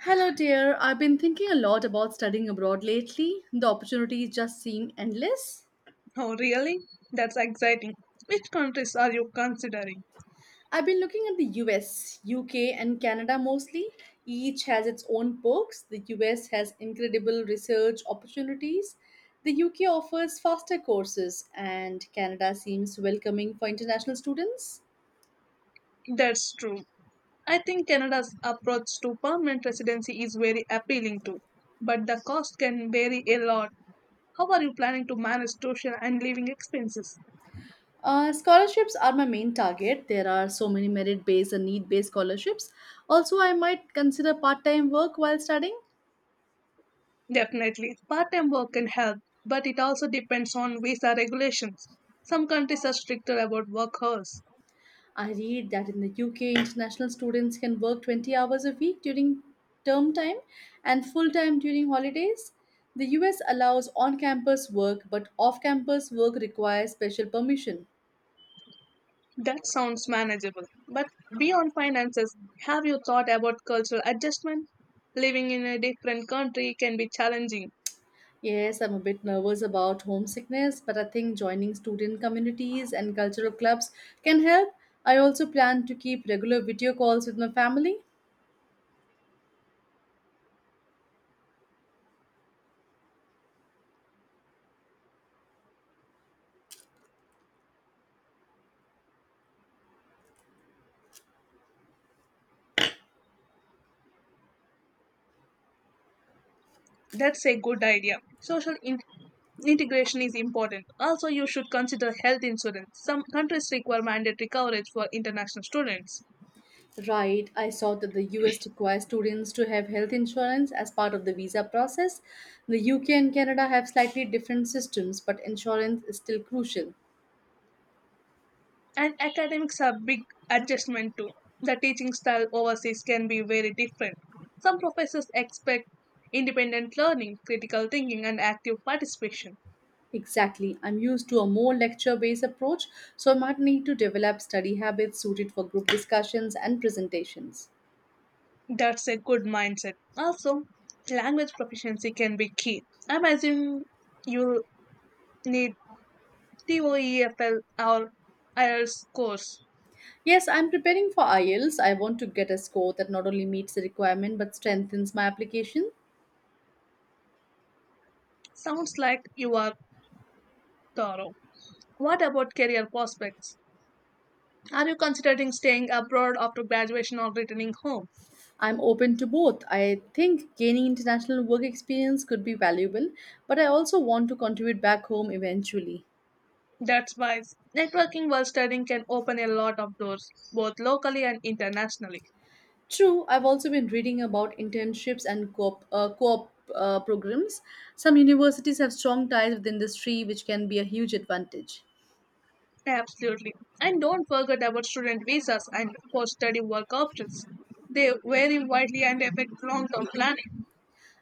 Hello, dear. I've been thinking a lot about studying abroad lately. The opportunities just seem endless. Oh, really? That's exciting. Which countries are you considering? I've been looking at the US, UK, and Canada mostly. Each has its own perks. The US has incredible research opportunities. The UK offers faster courses, and Canada seems welcoming for international students. That's true. I think Canada's approach to permanent residency is very appealing too, but the cost can vary a lot. How are you planning to manage tuition and living expenses? Scholarships are my main target. There are so many merit based and need based scholarships. Also, I might consider part time work while studying. Definitely, part time work can help, but it also depends on visa regulations. Some countries are stricter about work hours. I read that in the UK, international students can work 20 hours a week during term time and full time during holidays. The US allows on campus work, but off campus work requires special permission. That sounds manageable. But beyond finances, have you thought about cultural adjustment? Living in a different country can be challenging. Yes, I'm a bit nervous about homesickness, but I think joining student communities and cultural clubs can help. I also plan to keep regular video calls with my family. That's a good idea. Social integration is important. Also, you should consider health insurance. Some countries require mandatory coverage for international students. Right, I saw that the US requires students to have health insurance as part of the visa process. The UK and Canada have slightly different systems, but insurance is still crucial. And academics are big adjustment too. The teaching style overseas can be very different. Some professors expect independent learning, critical thinking, and active participation. Exactly, I'm used to a more lecture based approach, so I might need to develop study habits suited for group discussions and presentations. That's a good mindset. Also, language proficiency can be key. I'm assuming you need TOEFL or IELTS course. Yes, I'm preparing for IELTS. I want to get a score that not only meets the requirement but strengthens my application. Sounds like you are thorough. What about career prospects? Are you considering staying abroad after graduation or returning home? I'm open to both. I think gaining international work experience could be valuable, but I also want to contribute back home eventually. That's wise. Networking while studying can open a lot of doors, both locally and internationally. True, I've also been reading about internships and co-op programs. Some universities have strong ties with industry, which can be a huge advantage. Absolutely. And don't forget about student visas and post study work options. They vary widely and affect long term planning.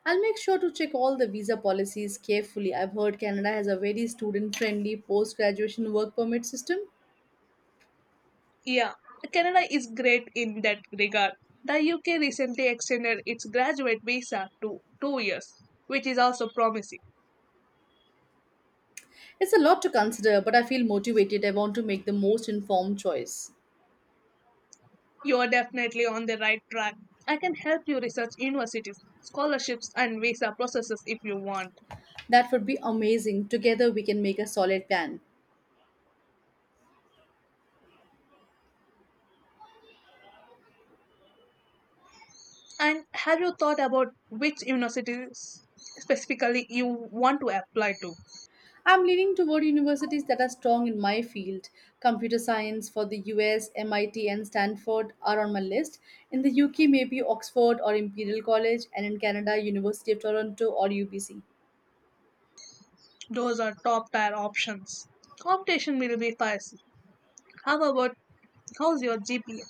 I'll make sure to check all the visa policies carefully. I've heard Canada has a very student friendly post graduation work permit system. Yeah, Canada is great in that regard. The UK recently extended its graduate visa to 2 years, which is also promising. It's a lot to consider, but I feel motivated. I want to make the most informed choice. You are definitely on the right track. I can help you research universities, scholarships, and visa processes if you want. That would be amazing. Together we can make a solid plan. And have you thought about which universities specifically you want to apply to? I'm leaning toward universities that are strong in my field. Computer science for the US, MIT, and Stanford are on my list. In the UK, maybe Oxford or Imperial College, and in Canada, University of Toronto or UBC. Those are top tier options. Competition will be fierce. How about How's your GPA?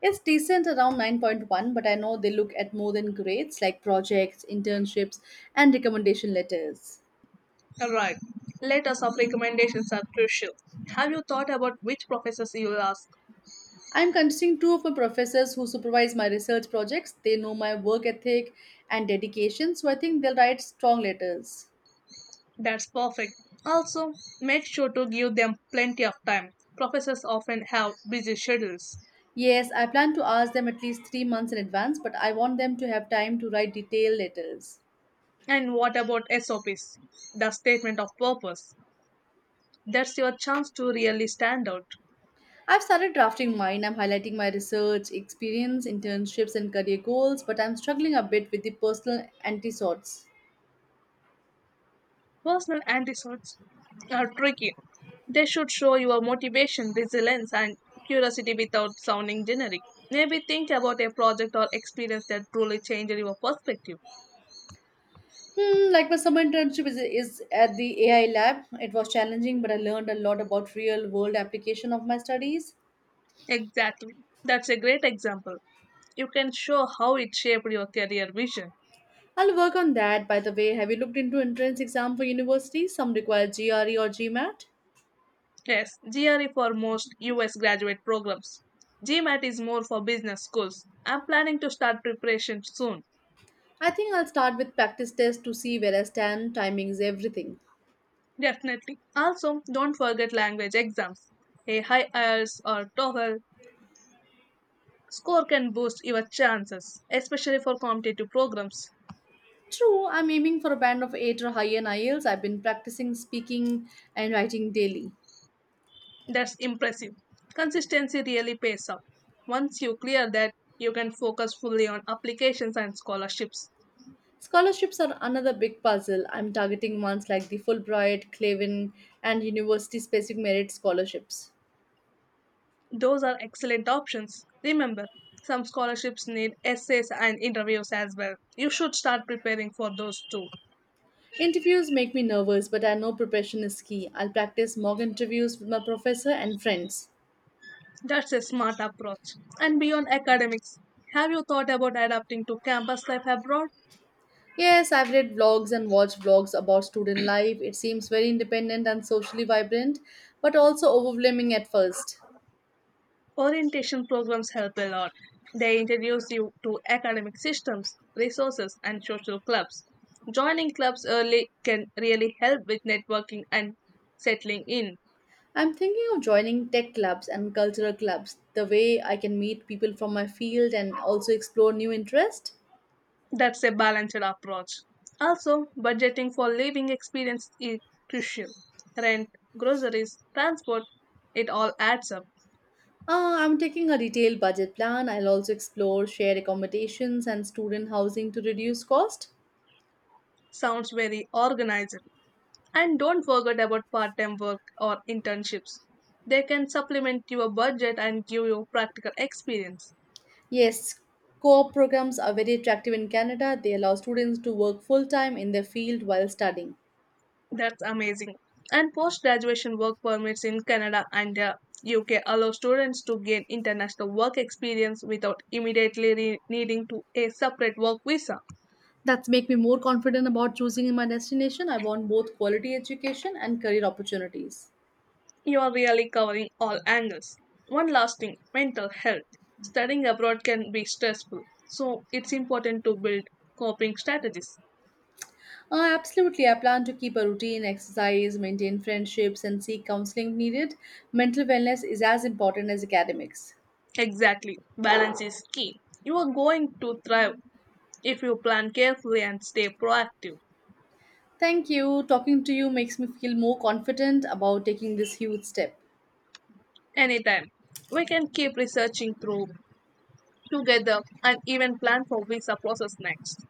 It's decent around 9.1, but I know they look at more than grades like projects, internships, and recommendation letters. Right. Letters of recommendations are crucial. Have you thought about which professors you will ask? I'm considering two of my professors who supervise my research projects. They know my work ethic and dedication, so I think they'll write strong letters. That's perfect. Also, make sure to give them plenty of time. Professors often have busy schedules. Yes, I plan to ask them at least 3 months in advance, but I want them to have time to write detailed letters. And what about SOPs? The statement of purpose. That's your chance to really stand out. I've started drafting mine. I'm highlighting my research, experience, internships, and career goals, but I'm struggling a bit with the personal anti-sorts. Personal antidotes are tricky. They should show your motivation, resilience, and curiosity without sounding generic. Maybe think about a project or experience that truly changed your perspective. Hmm, like my summer internship is at the AI lab. It was challenging, but I learned a lot about real world application of my studies. Exactly. That's a great example. You can show how it shaped your career vision. I'll work on that. By the way, have you looked into entrance exam for universities? Some require GRE or GMAT. Yes, GRE for most US graduate programs. GMAT is more for business schools. I'm planning to start preparation soon. I think I'll start with practice tests to see where I stand. Timing is everything. Definitely. Also, don't forget language exams. A high IELTS or TOEFL score can boost your chances, especially for competitive programs. True, I'm aiming for a band of 8 or higher in IELTS. I've been practicing speaking and writing daily. That's impressive. Consistency really pays off. Once you clear that, you can focus fully on applications and scholarships. Scholarships are another big puzzle. I'm targeting ones like the Fulbright, Clavin, and university specific merit scholarships. Those are excellent options. Remember, some scholarships need essays and interviews as well. You should start preparing for those too. Interviews make me nervous, but I know preparation is key. I'll practice mock interviews with my professor and friends. That's a smart approach. And beyond academics, have you thought about adapting to campus life abroad? Yes, I've read blogs and watched blogs about student life. It seems very independent and socially vibrant, but also overwhelming at first. Orientation programs help a lot. They introduce you to academic systems, resources, and social clubs. Joining clubs early can really help with networking and settling in. I'm thinking of joining tech clubs and cultural clubs, the way I can meet people from my field and also explore new interests. That's a balanced approach. Also, budgeting for living experience is crucial. Rent, groceries, transport, it all adds up. I'm taking a detailed budget plan. I'll also explore shared accommodations and student housing to reduce cost. Sounds very organized. And don't forget about part time work or internships. They can supplement your budget and give you practical experience. Yes, co-op programs are very attractive in Canada. They allow students to work full-time in their field while studying. That's amazing. And post graduation work permits in Canada and the UK allow students to gain international work experience without immediately needing to a separate work visa. That's make me more confident about choosing my destination. I want both quality education and career opportunities. You are really covering all angles. One last thing mental health. Studying abroad can be stressful, so it's important to build coping strategies. Absolutely, I plan to keep a routine, exercise, maintain friendships, and seek counseling if needed. Mental wellness is as important as academics. Exactly. Balance is key. You are going to thrive if you plan carefully and stay proactive. Thank you. Talking to you makes me feel more confident about taking this huge step. Anytime. We can keep researching through together and even plan for visa process next.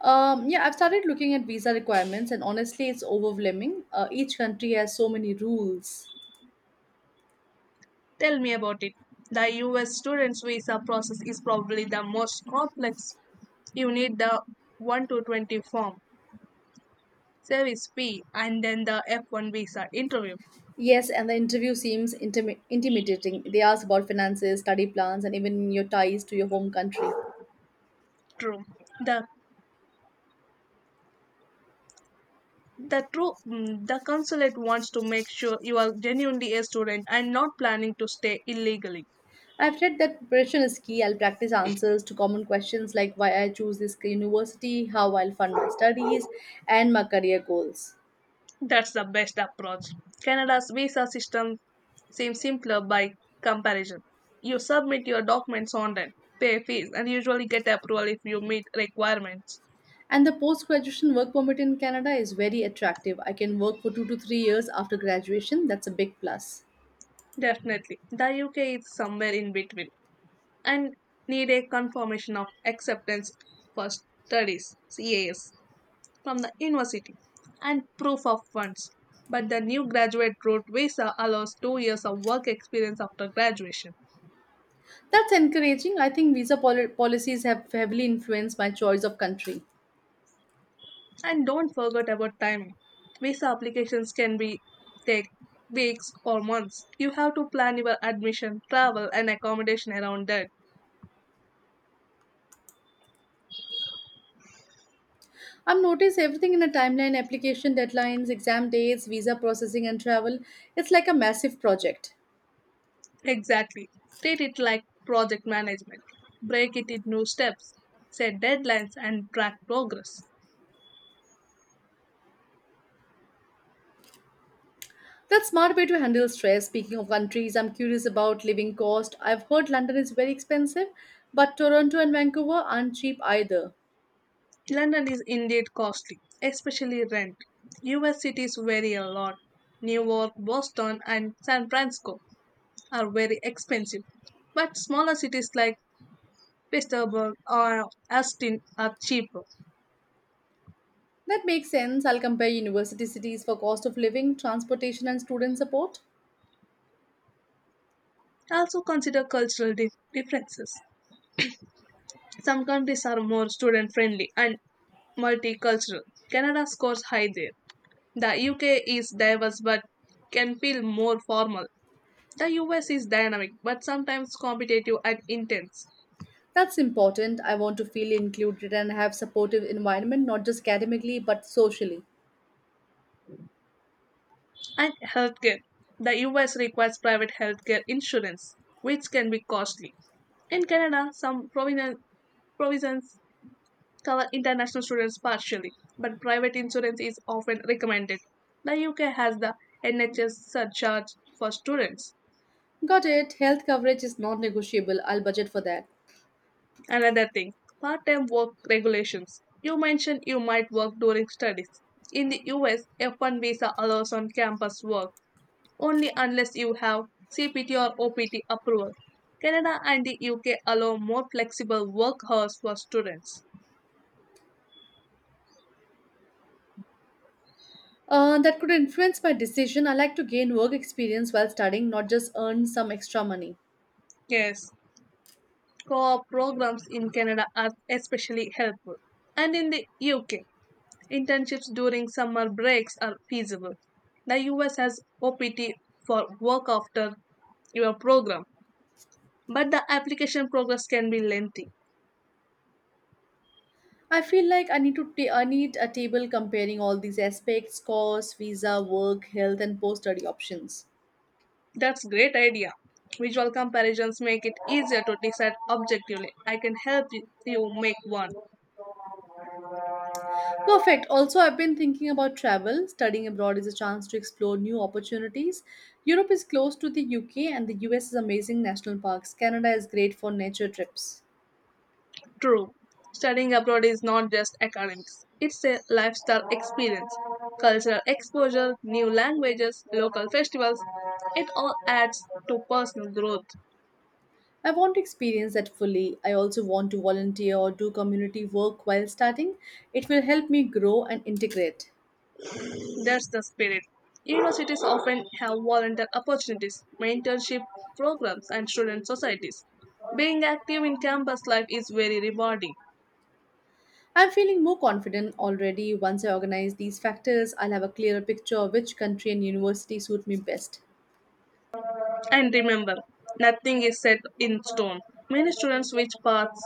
Yeah, I've started looking at visa requirements, and honestly, it's overwhelming. Each country has so many rules. Tell me about it. The US students visa process is probably the most complex. You need the 1 to 20 form, service fee, and then the F1 visa interview. Yes, and the interview seems intimidating. They ask about finances, study plans, and even your ties to your home country. True. The the consulate wants to make sure you are genuinely a student and not planning to stay illegally. I've read that preparation is key. I'll practice answers to common questions like why I choose this university, how I'll fund my studies, and my career goals. That's the best approach. Canada's visa system seems simpler by comparison. You submit your documents online, pay fees, and usually get approval if you meet requirements. And the post graduation work permit in Canada is very attractive. I can work for 2 to 3 years after graduation. That's a big plus. Definitely, the UK is somewhere in between, and need a confirmation of acceptance for studies, CAS, from the university, and proof of funds. But the new graduate road visa allows 2 years of work experience after graduation. That's encouraging. I think visa policies have heavily influenced my choice of country. And don't forget about timing. Visa applications can be take weeks or months. You have to plan your admission, travel, and accommodation around that. I've noticed everything in a timeline: application deadlines, exam dates, visa processing, and travel. It's like a massive project. Exactly. Treat it like project management. Break it into steps, set deadlines, and track progress. That's smart way to handle stress. Speaking of countries, I'm curious about living cost. I've heard London is very expensive, but Toronto and Vancouver aren't cheap either. London is indeed costly, especially rent. US cities vary a lot. New York, Boston, and San Francisco are very expensive, but smaller cities like Pittsburgh or Austin are cheaper. That makes sense. I'll compare university cities for cost of living, transportation, and student support. Also consider cultural differences. Some countries are more student friendly and multicultural. Canada scores high there. The UK is diverse but can feel more formal. The US is dynamic but sometimes competitive and intense. That's important. I want to feel included and have supportive environment, not just academically but socially. And healthcare. The US requires private healthcare insurance, which can be costly. In Canada, some provisions cover international students partially, but private insurance is often recommended. The UK has the NHS surcharge for students. Got it. Health coverage is non negotiable. I'll budget for that. Another thing, part time work regulations. You mentioned you might work during studies. In the US, F1 visa allows on campus work only unless you have CPT or OPT approval. Canada and the UK allow more flexible work hours for students. That could influence my decision. I like to gain work experience while studying, not just earn some extra money. Yes, co-op programs in Canada are especially helpful. And in the UK, internships during summer breaks are feasible. The US has OPT for work after your program, but the application process can be lengthy. I feel like I need a table comparing all these aspects: cost, visa, work, health, and post-study options. That's great idea. Visual comparisons make it easier to decide objectively. I can help you make one. Perfect. Also, I've been thinking about travel. Studying abroad is a chance to explore new opportunities. Europe is close to the UK, and the US is amazing national parks. Canada is great for nature trips. True. Studying abroad is not just academics. It's a lifestyle experience. Cultural exposure, new languages, local festivals, it all adds to personal growth. I want to experience that fully. I also want to volunteer or do community work while starting. It will help me grow and integrate. That's the spirit. Universities often have volunteer opportunities, mentorship programs, and student societies. Being active in campus life is very rewarding. I'm feeling more confident already. Once I organize these factors, I'll have a clearer picture of which country and university suit me best. And remember, nothing is set in stone. Many students switch paths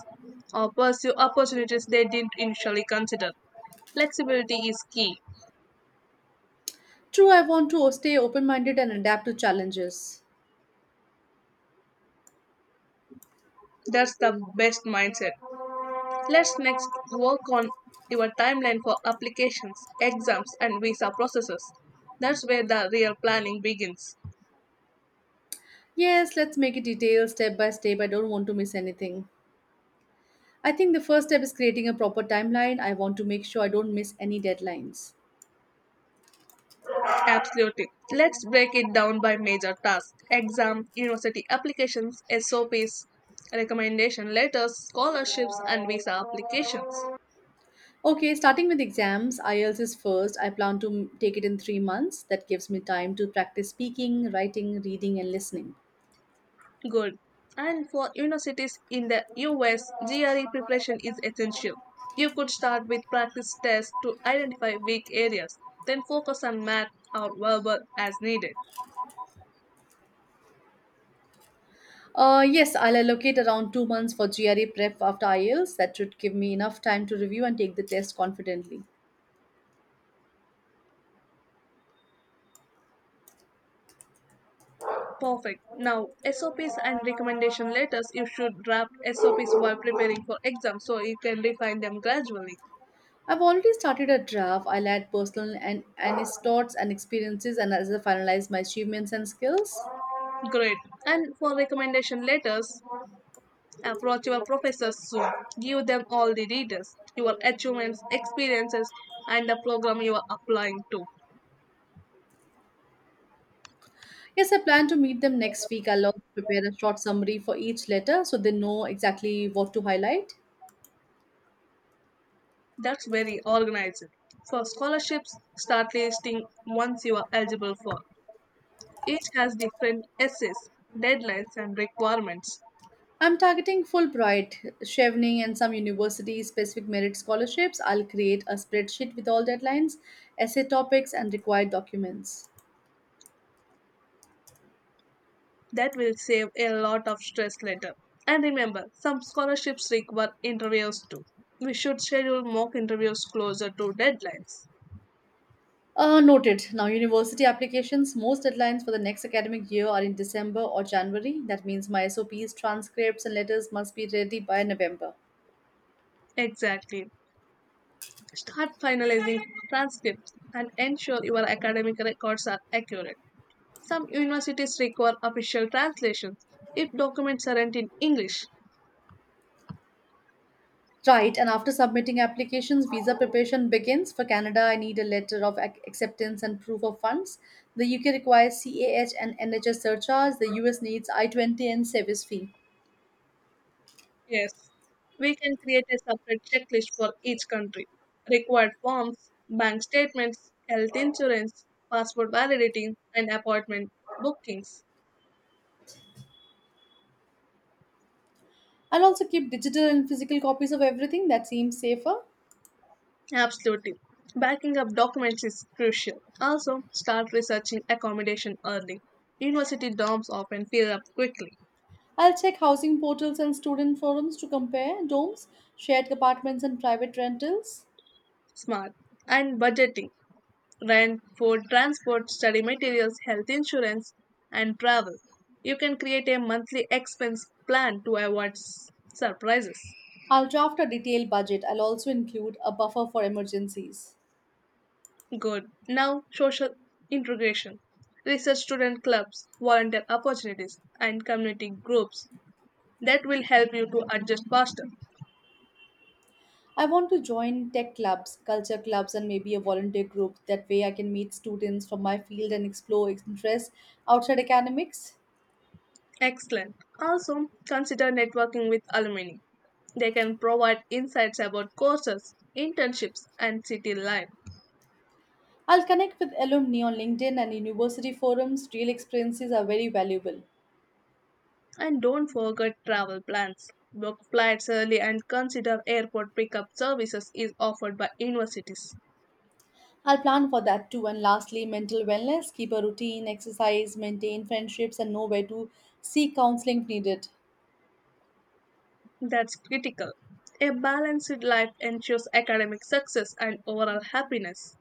or pursue opportunities they didn't initially consider. Flexibility is key. True, I want to stay open minded and adapt to challenges. That's the best mindset. Let's next work on your timeline for applications, exams, and visa processes. That's where the real planning begins. Yes, let's make it detailed step by step. I don't want to miss anything. I think the first step is creating a proper timeline. I want to make sure I don't miss any deadlines. Absolutely. Let's break it down by major tasks exam, university applications, SOPs, recommendation letters, scholarships, and visa applications. Okay, starting with exams, IELTS is first. I plan to take it in 3 months. That gives me time to practice speaking, writing, reading, and listening. Good. And for universities in the US, GRE preparation is essential. You could start with practice tests to identify weak areas, then focus on math or verbal as needed. Yes, I'll allocate around 2 months for GRE prep after IELTS. That should give me enough time to review and take the test confidently. Perfect. Now, SOPs and recommendation letters. You should draft SOPs while preparing for exams so you can refine them gradually. I've already started a draft. I'll add personal and anecdotes and experiences, and as I finalize my achievements and skills. Great. And for recommendation letters, approach your professors soon. Give them all the details, your achievements, experiences, and the program you are applying to. Yes, I plan to meet them next week. I'll also prepare a short summary for each letter so they know exactly what to highlight. That's very organized. For scholarships, start listing ones you are eligible for. Each has different essays, deadlines, and requirements. I'm targeting Fulbright, Chevening, and some university specific merit scholarships. I'll create a spreadsheet with all deadlines, essay topics, and required documents. That will save a lot of stress later. And remember, some scholarships require interviews too. We should schedule mock interviews closer to deadlines. Noted. Now, university applications, most deadlines for the next academic year are in December or January. That means my SOPs, transcripts, and letters must be ready by November. Exactly. Start finalizing transcripts and ensure your academic records are accurate. Some universities require official translations if documents aren't in English. Right, and after submitting applications, visa preparation begins. For Canada, I need a letter of acceptance and proof of funds. The UK requires CAH and NHS surcharge. The US needs I-20 and service fee. Yes, we can create a separate checklist for each country. Required forms, bank statements, health insurance, passport validity, and appointment bookings. I'll also keep digital and physical copies of everything that seems safer. Absolutely. Backing up documents is crucial. Also, start researching accommodation early. University dorms often fill up quickly. I'll check housing portals and student forums to compare domes, shared apartments, and private rentals. Smart. And budgeting. Rent, food, transport, study materials, health insurance, and travel. You can create a monthly expense plan to avoid surprises. I'll draft a detailed budget. I'll also include a buffer for emergencies. Good. Now, social integration. Research student clubs, volunteer opportunities, and community groups that will help you to adjust faster. I want to join tech clubs, culture clubs, and maybe a volunteer group. That way, I can meet students from my field and explore interests outside academics. Excellent. Also, consider networking with alumni. They can provide insights about courses, internships, and city life. I'll connect with alumni on LinkedIn and university forums. Real experiences are very valuable. And don't forget travel plans. Book flights early and consider airport pickup services is offered by universities. I'll plan for that too. And lastly, mental wellness: keep a routine, exercise, maintain friendships, and know where to seek counseling if needed. That's critical. A balanced life ensures academic success and overall happiness.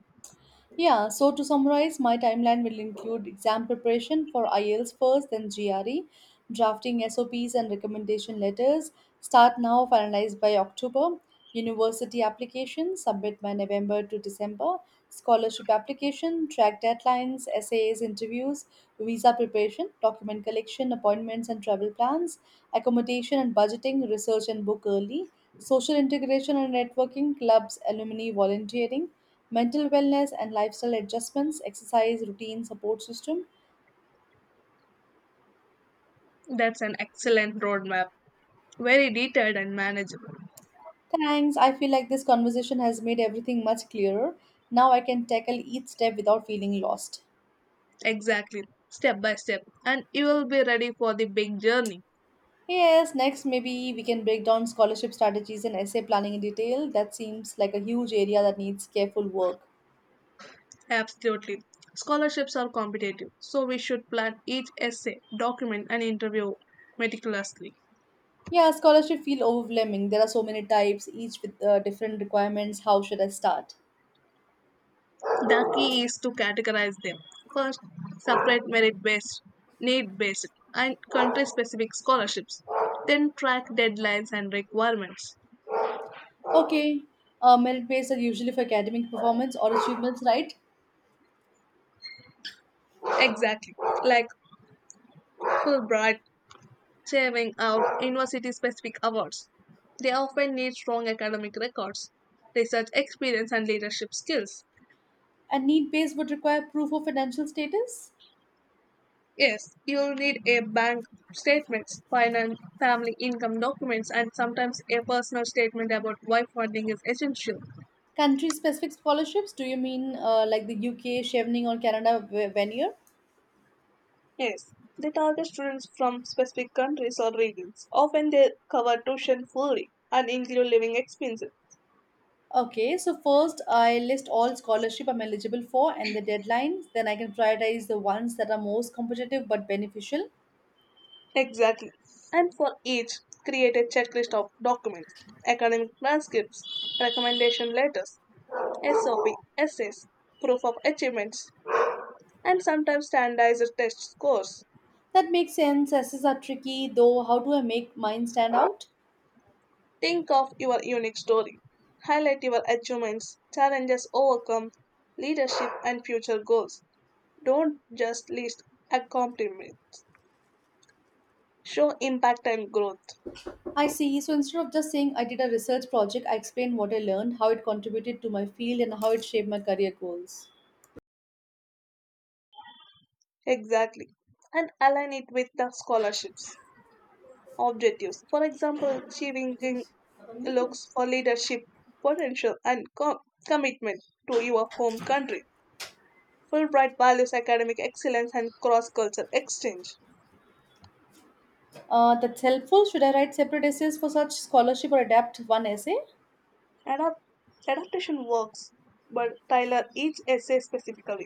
Yeah, so to summarize, my timeline will include exam preparation for IELTS first, then GRE; drafting SOPs and recommendation letters, start now, finalized by October; university application, submit by November to December; scholarship application, track deadlines, essays, interviews; visa preparation, document collection, appointments and travel plans; accommodation and budgeting, research and book early; social integration and networking, clubs, alumni, volunteering; mental wellness and lifestyle adjustments, exercise, routine, support system. That's an excellent roadmap. Very detailed and manageable. Thanks. I feel like this conversation has made everything much clearer. Now I can tackle each step without feeling lost. Exactly. Step by step. And you will be ready for the big journey. Yes, next maybe we can break down scholarship strategies and essay planning in detail. That seems like a huge area that needs careful work. Absolutely. Scholarships are competitive, so we should plan each essay, document, and interview meticulously. Yeah, scholarship feel overwhelming. There are so many types, each with different requirements. How should I start? The key is to categorize them. First, separate merit based, need based, and country specific scholarships. Then, track deadlines and requirements. Okay, merit based are usually for academic performance or achievements, right? Exactly, like Fulbright, saving out university specific awards. They often need strong academic records, research experience, and leadership skills. And need based would require proof of financial status? Yes, you'll need a bank statements, finance, family income documents, and sometimes a personal statement about why funding is essential. Country specific scholarships? Do you mean like the UK, Chevening, or Canada veneer? Yes, they target students from specific countries or regions. Often they cover tuition fully and include living expenses. Okay, so first I list all scholarship I'm eligible for and the deadlines. Then I can prioritize the ones that are most competitive but beneficial. Exactly. And for each, create a checklist of documents, academic transcripts, recommendation letters, SOP, essays, proof of achievements, and sometimes standardized test scores. That makes sense. Essays are tricky though. How do I make mine stand out? Think of your unique story. Highlight your achievements, challenges overcome, leadership, and future goals. Don't just list accomplishments. Show impact and growth. I see. So instead of just saying I did a research project, I explain what I learned, how it contributed to my field, and how it shaped my career goals. Exactly. And align it with the scholarships objectives. For example, achieving looks for leadership potential and commitment to your home country. Fulbright values academic excellence and cross-cultural exchange. That's helpful. Should I write separate essays for such scholarship or adapt one essay? Adapt- Adaptation works, but tailor each essay specifically.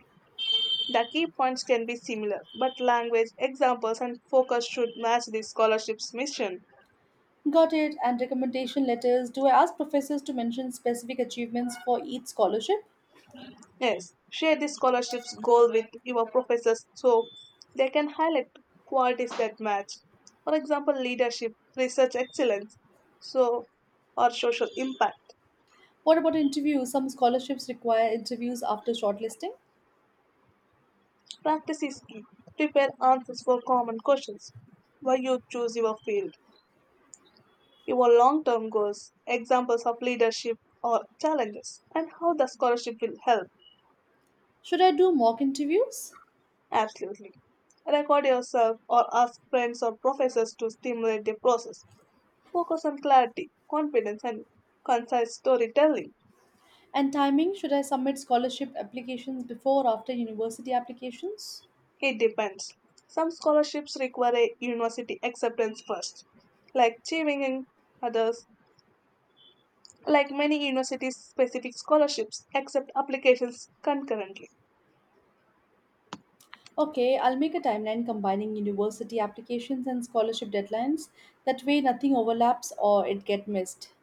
The key points can be similar, but language examples and focus should match the scholarship's mission. Got it. And recommendation letters. Do I ask professors to mention specific achievements for each scholarship? Yes, share the scholarship's goal with your professors so they can highlight qualities that match. For example, leadership, research excellence, so or social impact. What about interviews? Some scholarships require interviews after shortlisting. Practice is key. Prepare answers for common questions. Why you choose your field, your long-term goals, examples of leadership or challenges, and how the scholarship will help. Should I do mock interviews? Absolutely. Record yourself or ask friends or professors to stimulate the process. Focus on clarity, confidence, and concise storytelling. And timing, should I submit scholarship applications before or after university applications? It depends. Some scholarships require a university acceptance first, like Cheeving and others. Like many universities, specific scholarships accept applications concurrently. Okay, I'll make a timeline combining university applications and scholarship deadlines. That way nothing overlaps or it get missed.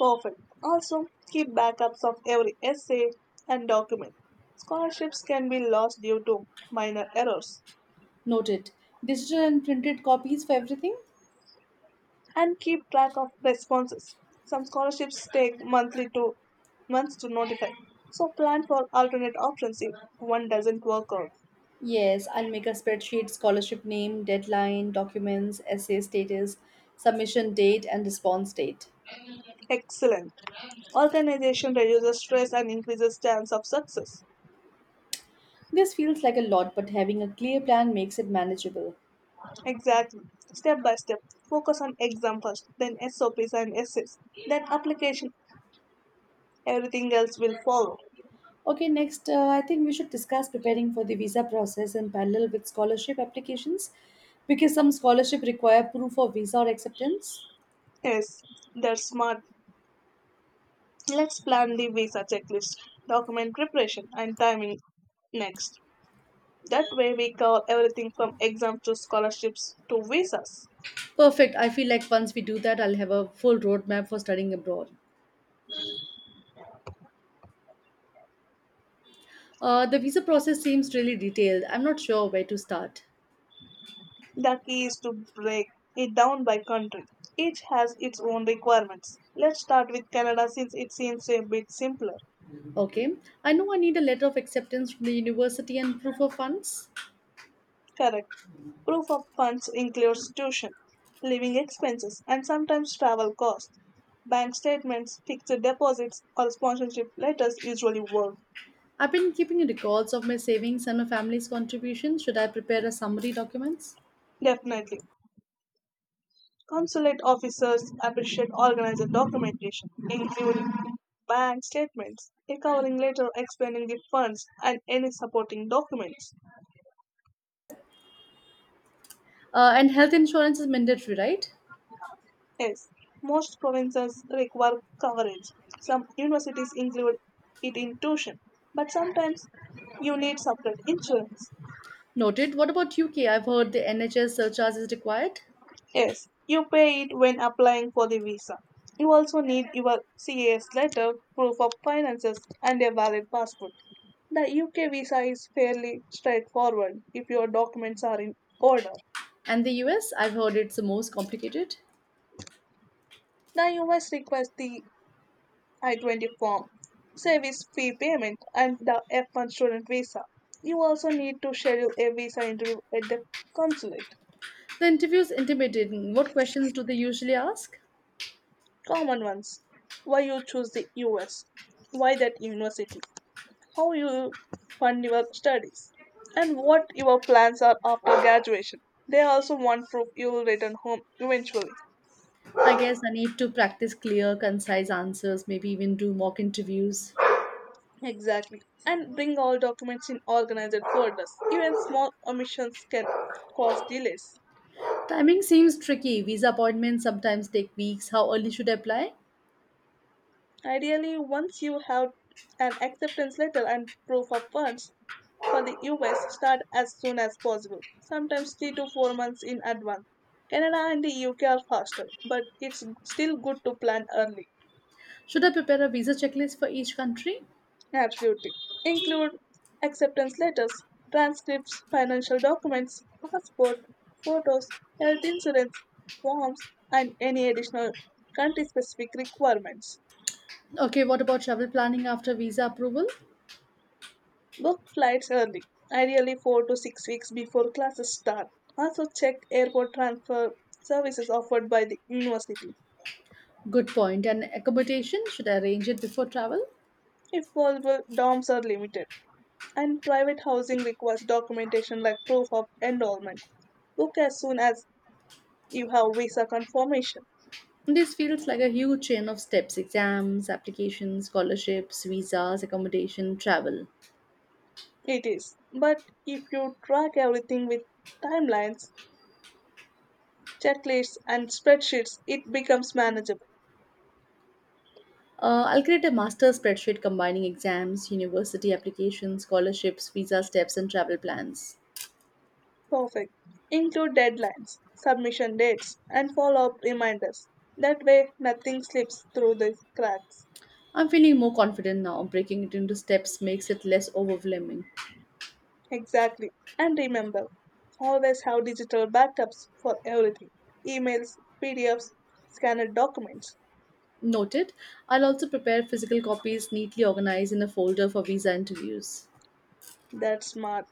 Often, also keep backups of every essay and document. Scholarships can be lost due to minor errors. Noted. Digital and printed copies for everything? And keep track of responses. Some scholarships take monthly to months to notify. So plan for alternate options if one doesn't work out. Yes, I'll make a spreadsheet: scholarship name, deadline, documents, essay status, submission date, and response date. Excellent. Organization reduces stress and increases chance of success. This feels like a lot, but having a clear plan makes it manageable. Exactly. Step by step. Focus on exam first, then SOPs and essays, then application. Everything else will follow. Okay, next, I think we should discuss preparing for the visa process in parallel with scholarship applications because some scholarship require proof of visa or acceptance. Yes, that's smart. Let's plan the visa checklist, document preparation, and timing next. That way, we cover everything from exams to scholarships to visas. Perfect. I feel like once we do that, I'll have a full roadmap for studying abroad. The visa process seems really detailed. I'm not sure where to start. The key is to break it down by country. Each has its own requirements. Let's start with Canada since it seems a bit simpler. Okay, I know I need a letter of acceptance from the university and proof of funds. Correct. Proof of funds includes tuition, living expenses, and sometimes travel costs. Bank statements, fixed deposits, or sponsorship letters usually work. I've been keeping records of my savings and my family's contribution. Should I prepare a summary documents? Definitely. Consulate officers appreciate organized documentation, including bank statements, a covering letter explaining the funds, and any supporting documents. And health insurance is mandatory, right? Yes, most provinces require coverage. Some universities include it in tuition, but sometimes you need separate insurance. Noted. What about UK? I've heard the NHS surcharge is required. Yes, you pay it when applying for the visa. You also need your CAS letter, proof of finances, and a valid passport. The UK visa is fairly straightforward if your documents are in order. And the US? I've heard it's the most complicated. The US requires the I 20 form, service fee payment, and the F1 student visa. You also need to schedule a visa interview at the consulate. The interview is intimidating. What questions do they usually ask? Common ones. Why you choose the US? Why that university? How you fund your studies, and what your plans are after graduation. They also want proof you will return home eventually. I guess I need to practice clear, concise answers, maybe even do mock interviews. Exactly. And bring all documents in organized folders. Even small omissions can cause delays. Timing seems tricky. Visa appointments sometimes take weeks. How early should I apply? Ideally, once you have an acceptance letter and proof of funds for the US, start as soon as possible, sometimes 3 to 4 months in advance. Canada and the UK are faster, but it's still good to plan early. Should I prepare a visa checklist for each country? Absolutely. Include acceptance letters, transcripts, financial documents, passport, photos, health insurance forms, and any additional country specific requirements. Okay, what about travel planning after visa approval? Book flights early, ideally 4 to 6 weeks before classes start. Also, check airport transfer services offered by the university. Good point. And accommodation, should I arrange it before travel? If possible, dorms are limited, and private housing requires documentation like proof of enrollment. Book as soon as you have visa confirmation. This feels like a huge chain of steps: exams, applications, scholarships, visas, accommodation, travel. It is. But if you track everything with timelines, checklists, and spreadsheets, it becomes manageable. I'll create a master spreadsheet combining exams, university applications, scholarships, visa steps, and travel plans. Perfect. Include deadlines, submission dates, and follow up reminders. That way, nothing slips through the cracks. I'm feeling more confident now. Breaking it into steps makes it less overwhelming. Exactly. And remember, always have digital backups for everything, emails, PDFs, scanned documents. Noted. I'll also prepare physical copies neatly organized in a folder for visa interviews. That's smart.